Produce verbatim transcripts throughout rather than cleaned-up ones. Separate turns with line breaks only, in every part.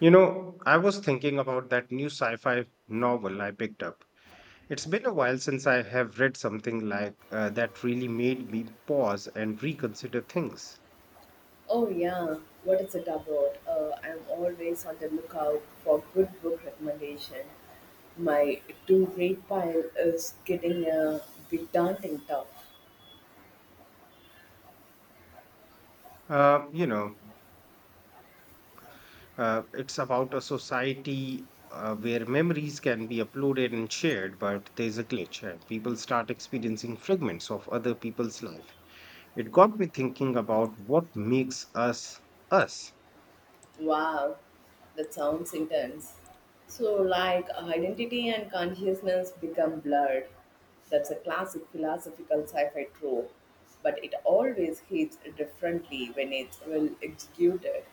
You know, I was thinking about that new sci fi novel I picked up. It's been a while since I have read something like uh, that really made me pause and reconsider things.
Oh yeah, what is it about? Uh, I'm always on the lookout for good book recommendation. My to-read pile is getting a bit daunting tough.
Uh, you know, uh, it's about a society uh, where memories can be uploaded and shared, but there's a glitch and people start experiencing fragments of other people's life. It got me thinking about what makes us us.
Wow, that sounds intense. So like identity and consciousness become blurred. That's a classic philosophical sci-fi trope, but it always hits differently when it's well executed.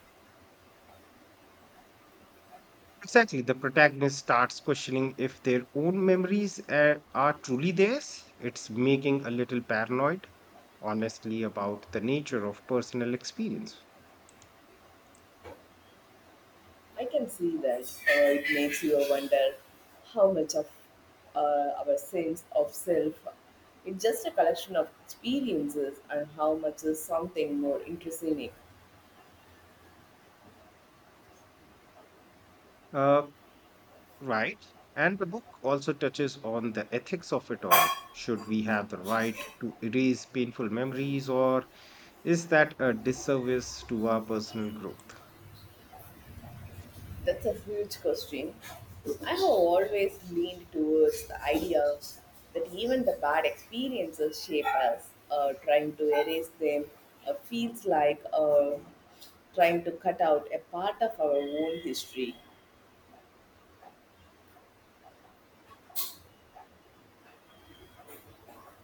Exactly, the protagonist starts questioning if their own memories uh, are truly theirs. It's making a little paranoid, honestly, about the nature of personal experience.
I can see that. Uh, it makes you wonder how much of uh, our sense of self is just a collection of experiences and how much is something more intrinsic.
Uh, right. And the book also touches on the ethics of it all. Should we have the right to erase painful memories, or is that a disservice to our personal growth?
That's a huge question. I have always leaned towards the idea that even the bad experiences shape us. Uh, trying to erase them uh, feels like uh, trying to cut out a part of our own history.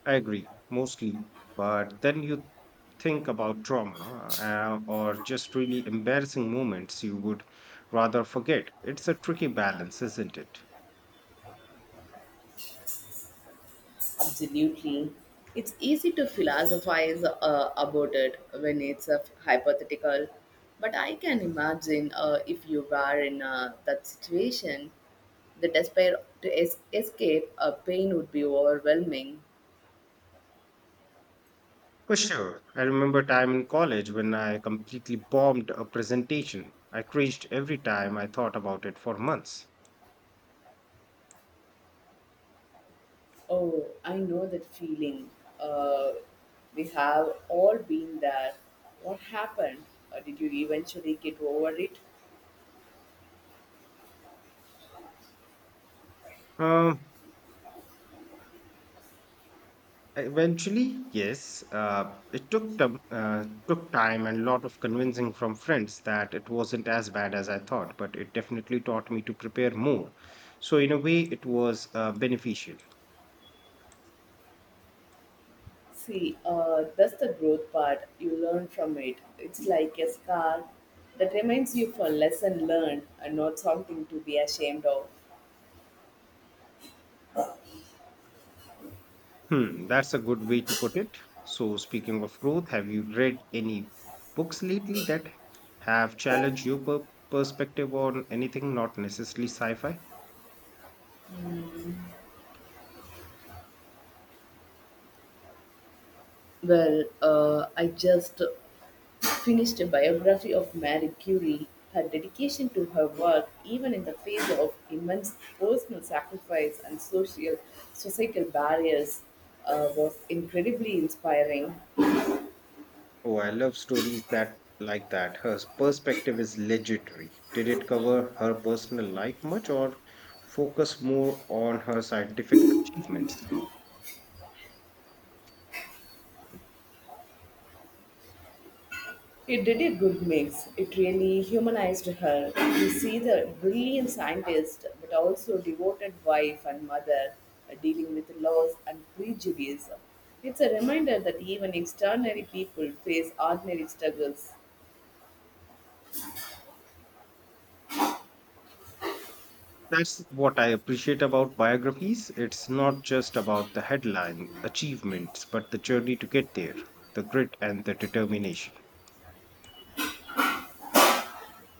I agree, mostly. But then you think about trauma uh, or just really embarrassing moments you would rather forget. It's a tricky balance, isn't it?
Absolutely. It's easy to philosophize uh, about it when it's a hypothetical, but I can imagine uh, if you were in uh, that situation, the despair to es- escape a pain would be overwhelming.
For sure. I remember a time in college when I completely bombed a presentation. I cringed every time I thought about it for months.
Oh, I know that feeling. Uh, we have all been there. What happened? Uh, did you eventually get over it?
Um, Eventually, yes, uh, it took time, uh, took time and a lot of convincing from friends that it wasn't as bad as I thought, but it definitely taught me to prepare more. So in a way, it was uh, beneficial.
See, uh, that's the growth part. You learn from it. It's like a scar that reminds you for lesson learned and not something to be ashamed of.
Hmm, that's a good way to put it. So, speaking of growth, have you read any books lately that have challenged your per- perspective on anything, not necessarily sci fi?
Well, uh, I just finished a biography of Marie Curie. Her dedication to her work, even in the face of immense personal sacrifice and social societal barriers, uh, was incredibly inspiring.
Oh, I love stories that like that. Her perspective is legendary. Did it cover her personal life much or focus more on her scientific achievements?
It did a good mix. It really humanized her. You see the brilliant scientist, but also devoted wife and mother uh, dealing with loss and prejudice. It's a reminder that even extraordinary people face ordinary struggles.
That's what I appreciate about biographies. It's not just about the headline achievements, but the journey to get there, the grit and the determination.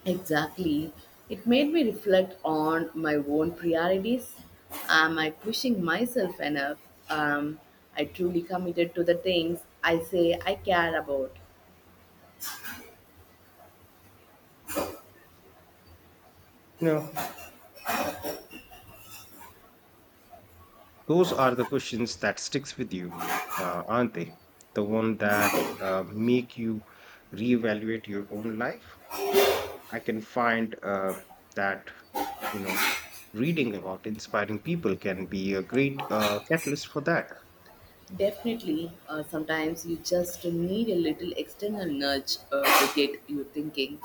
Exactly. It made me reflect on my own priorities. Am I pushing myself enough? Um, I truly committed to the things I say I care about.
You know, those are the questions that sticks with you, mhm, uh, aren't they? The one that uh, make you reevaluate your own life. I can find uh, that you know reading about inspiring people can be a great uh, catalyst for that.
Definitely, uh, sometimes you just need a little external nudge uh, to get you thinking.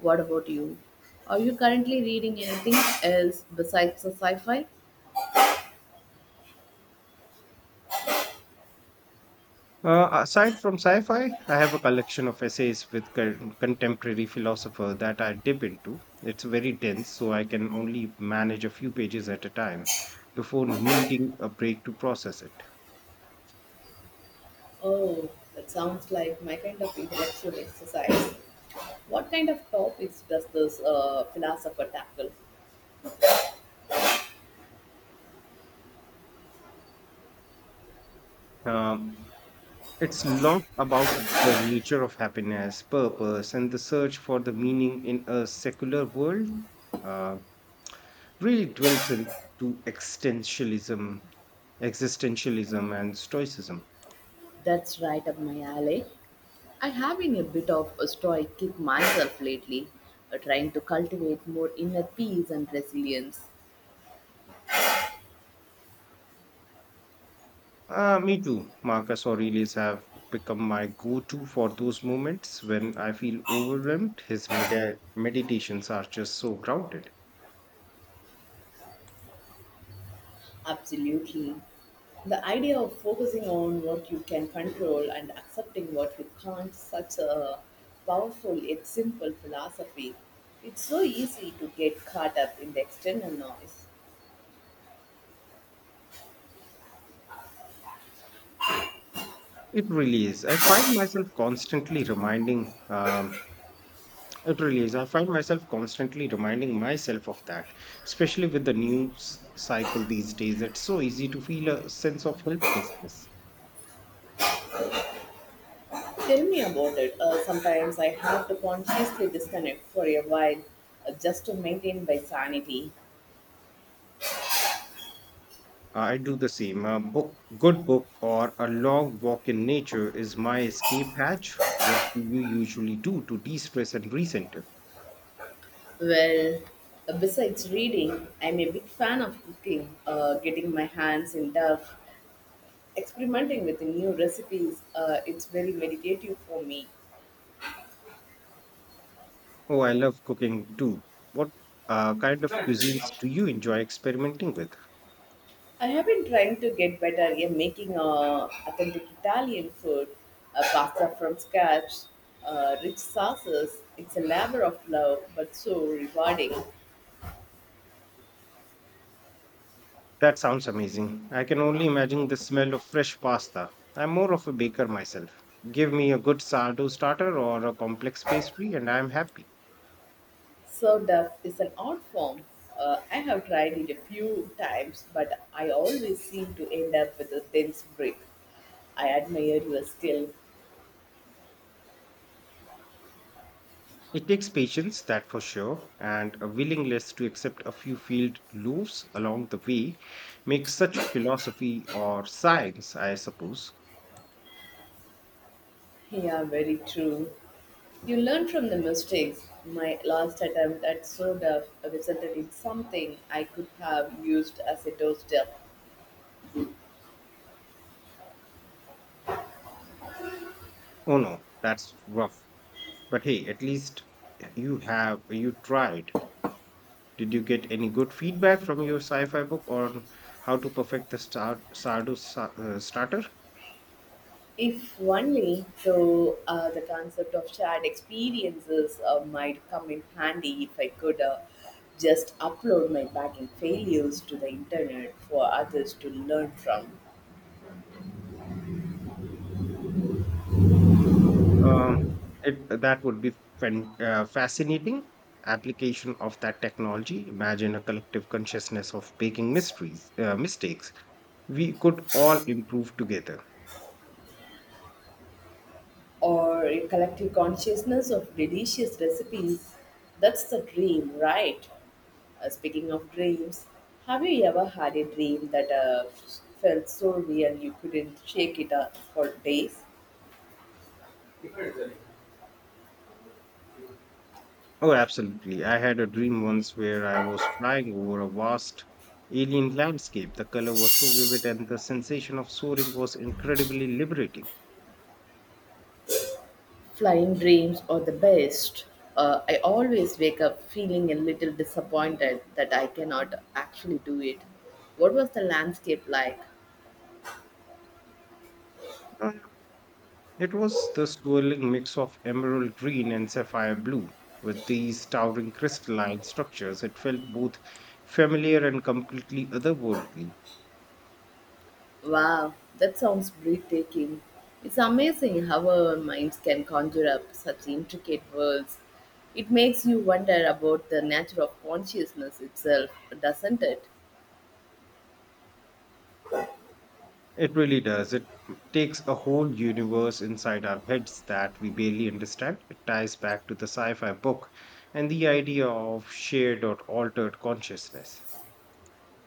What about you? Are you currently reading anything else besides the sci-fi?
Uh, aside from sci-fi, I have a collection of essays with con- contemporary philosopher that I dip into. It's very dense, so I can only manage a few pages at a time before needing a break to process it.
Oh, that sounds like my kind of intellectual exercise. What kind of topics does this uh, philosopher tackle?
Um, it's long about the nature of happiness, purpose, and the search for the meaning in a secular world. Uh, really dwells into existentialism, existentialism, and stoicism.
That's right up my alley. I have been a bit of a stoic kick myself lately, uh, trying to cultivate more inner peace and resilience.
Uh, me too. Marcus Aurelius have become my go-to for those moments when I feel overwhelmed. His medi- meditations are just so grounded.
Absolutely. The idea of focusing on what you can control and accepting what you can't, such a powerful yet simple philosophy. It's so easy to get caught up in the external noise.
It really is. I find myself constantly reminding um, It really is. I find myself constantly reminding myself of that, especially with the news cycle these days. It's so easy to feel a sense of helplessness.
Tell me about it. Uh, sometimes I have to consciously disconnect for a while uh, just to maintain my sanity.
I do the same. A book, good book, or a long walk in nature is my escape hatch. What do you usually do to de stress and recenter?
Well, uh, besides reading, I'm a big fan of cooking, uh, getting my hands in dirt Experimenting with new recipes, uh, it's very meditative for me.
Oh, I love cooking too. What uh, kind of cuisines do you enjoy experimenting with?
I have been trying to get better at making uh, authentic Italian food, uh, pasta from scratch, uh, rich sauces. It's a labor of love, but so rewarding.
That sounds amazing. I can only imagine the smell of fresh pasta. I'm more of a baker myself. Give me a good sourdough starter or a complex pastry, and I'm happy.
Served up is an art form. Uh, I have tried it a few times, but I always seem to end up with a dense brick. I admire your skill.
It takes patience, that for sure, and a willingness to accept a few field loaves along the way makes such philosophy or science, I suppose.
Yeah, very true. You learn from the mistakes. My last attempt at soda resulted in something I could have used as a doorstep.
Oh no, that's rough. But hey, at least you have you tried. Did you get any good feedback from your sci-fi book on how to perfect the star sardo sa- uh, starter?
If only, though, uh, the concept of shared experiences uh, might come in handy if I could uh, just upload my baking failures to the internet for others to learn from.
Um, it, that would be fan, uh, fascinating application of that technology. Imagine a collective consciousness of making mysteries, uh, mistakes. We could all improve together.
Or a collective consciousness of delicious recipes. That's the dream, right? Uh, speaking of dreams, have you ever had a dream that uh, felt so real you couldn't shake it up for days?
Oh, absolutely. I had a dream once where I was flying over a vast alien landscape. The color was so vivid, and the sensation of soaring was incredibly liberating.
Flying dreams are the best. Uh, I always wake up feeling a little disappointed that I cannot actually do it. What was the landscape like?
Uh, It was the swirling mix of emerald green and sapphire blue. With these towering crystalline structures, it felt both familiar and completely otherworldly.
Wow, that sounds breathtaking. It's amazing how our minds can conjure up such intricate worlds. It makes you wonder about the nature of consciousness itself, doesn't it?
It really does. It takes a whole universe inside our heads that we barely understand. It ties back to the sci fi book and the idea of shared or altered consciousness.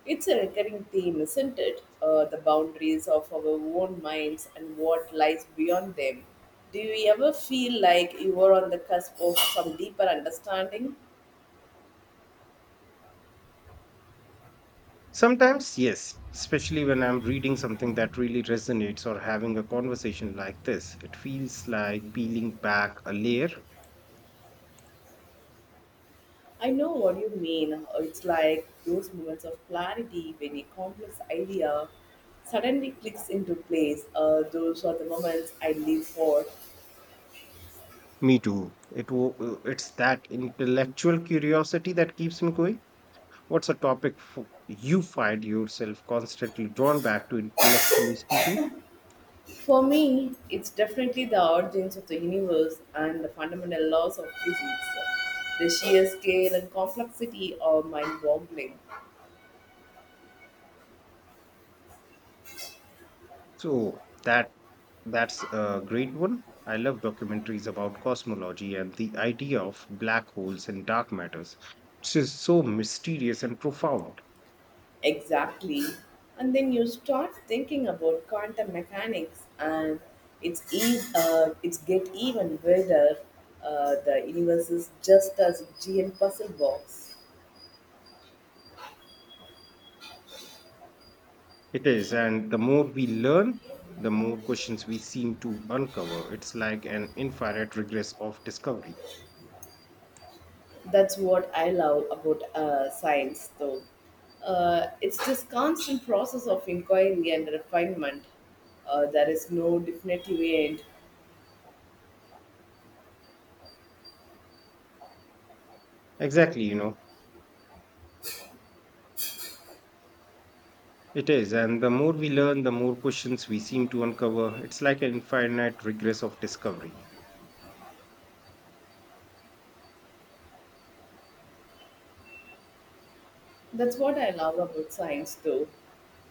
It's a recurring theme, isn't it? Uh, the boundaries of our own minds and what lies beyond them. Do you ever feel like you were on the cusp of some deeper understanding?
Sometimes, yes, especially when I'm reading something that really resonates or having a conversation like this, it feels like peeling back a layer.
I know what you mean. It's like those moments of clarity when a complex idea suddenly clicks into place. Uh, those are the moments I live for.
Me too. It wo- uh, it's that intellectual curiosity that keeps me going. What's a topic fo- you find yourself constantly drawn back to intellectually speaking?
For me, it's definitely the origins of the universe and the fundamental laws of physics. The sheer scale and complexity are mind boggling.
So that that's a great one. I love documentaries about cosmology and the idea of black holes and dark matters, which is so mysterious and profound.
Exactly. And then you start thinking about quantum mechanics, and it's e- uh, it's get even weirder. Uh, the universe is just as giant puzzle box.
It is, and the more we learn, the more questions we seem to uncover. It's like an infinite regress of discovery.
That's what I love about uh, science, though. Uh, it's this constant process of inquiry and refinement. Uh, there is no definitive end.
Exactly, you know, it is, and the more we learn, the more questions we seem to uncover. It's like an infinite regress of discovery.
That's what I love about science, though.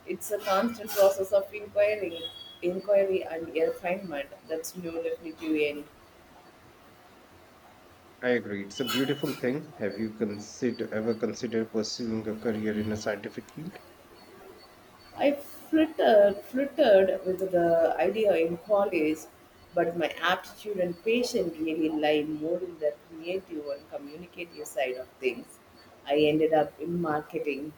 It's a constant process of inquiry, inquiry and refinement. That's no definitive end.
I agree. It's a beautiful thing. Have you consider ever considered pursuing a career in a scientific field?
I flittered, flittered with the idea in college, but my aptitude and patience really lie more in the creative and communicative side of things. I ended up in marketing.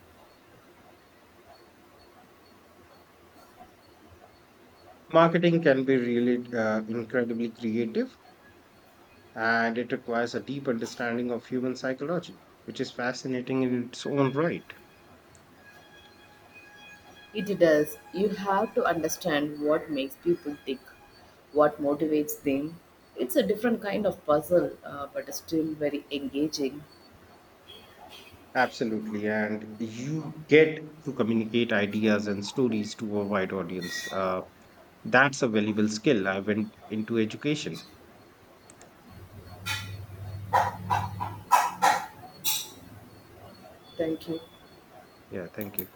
Marketing can be really uh, incredibly creative, and it requires a deep understanding of human psychology, which is fascinating in its own right.
It does. You have to understand what makes people tick, what motivates them. It's a different kind of puzzle, uh, but still very engaging.
Absolutely. And you get to communicate ideas and stories to a wide audience. Uh, that's a valuable skill. I went into education.
Thank you.
Yeah, thank you.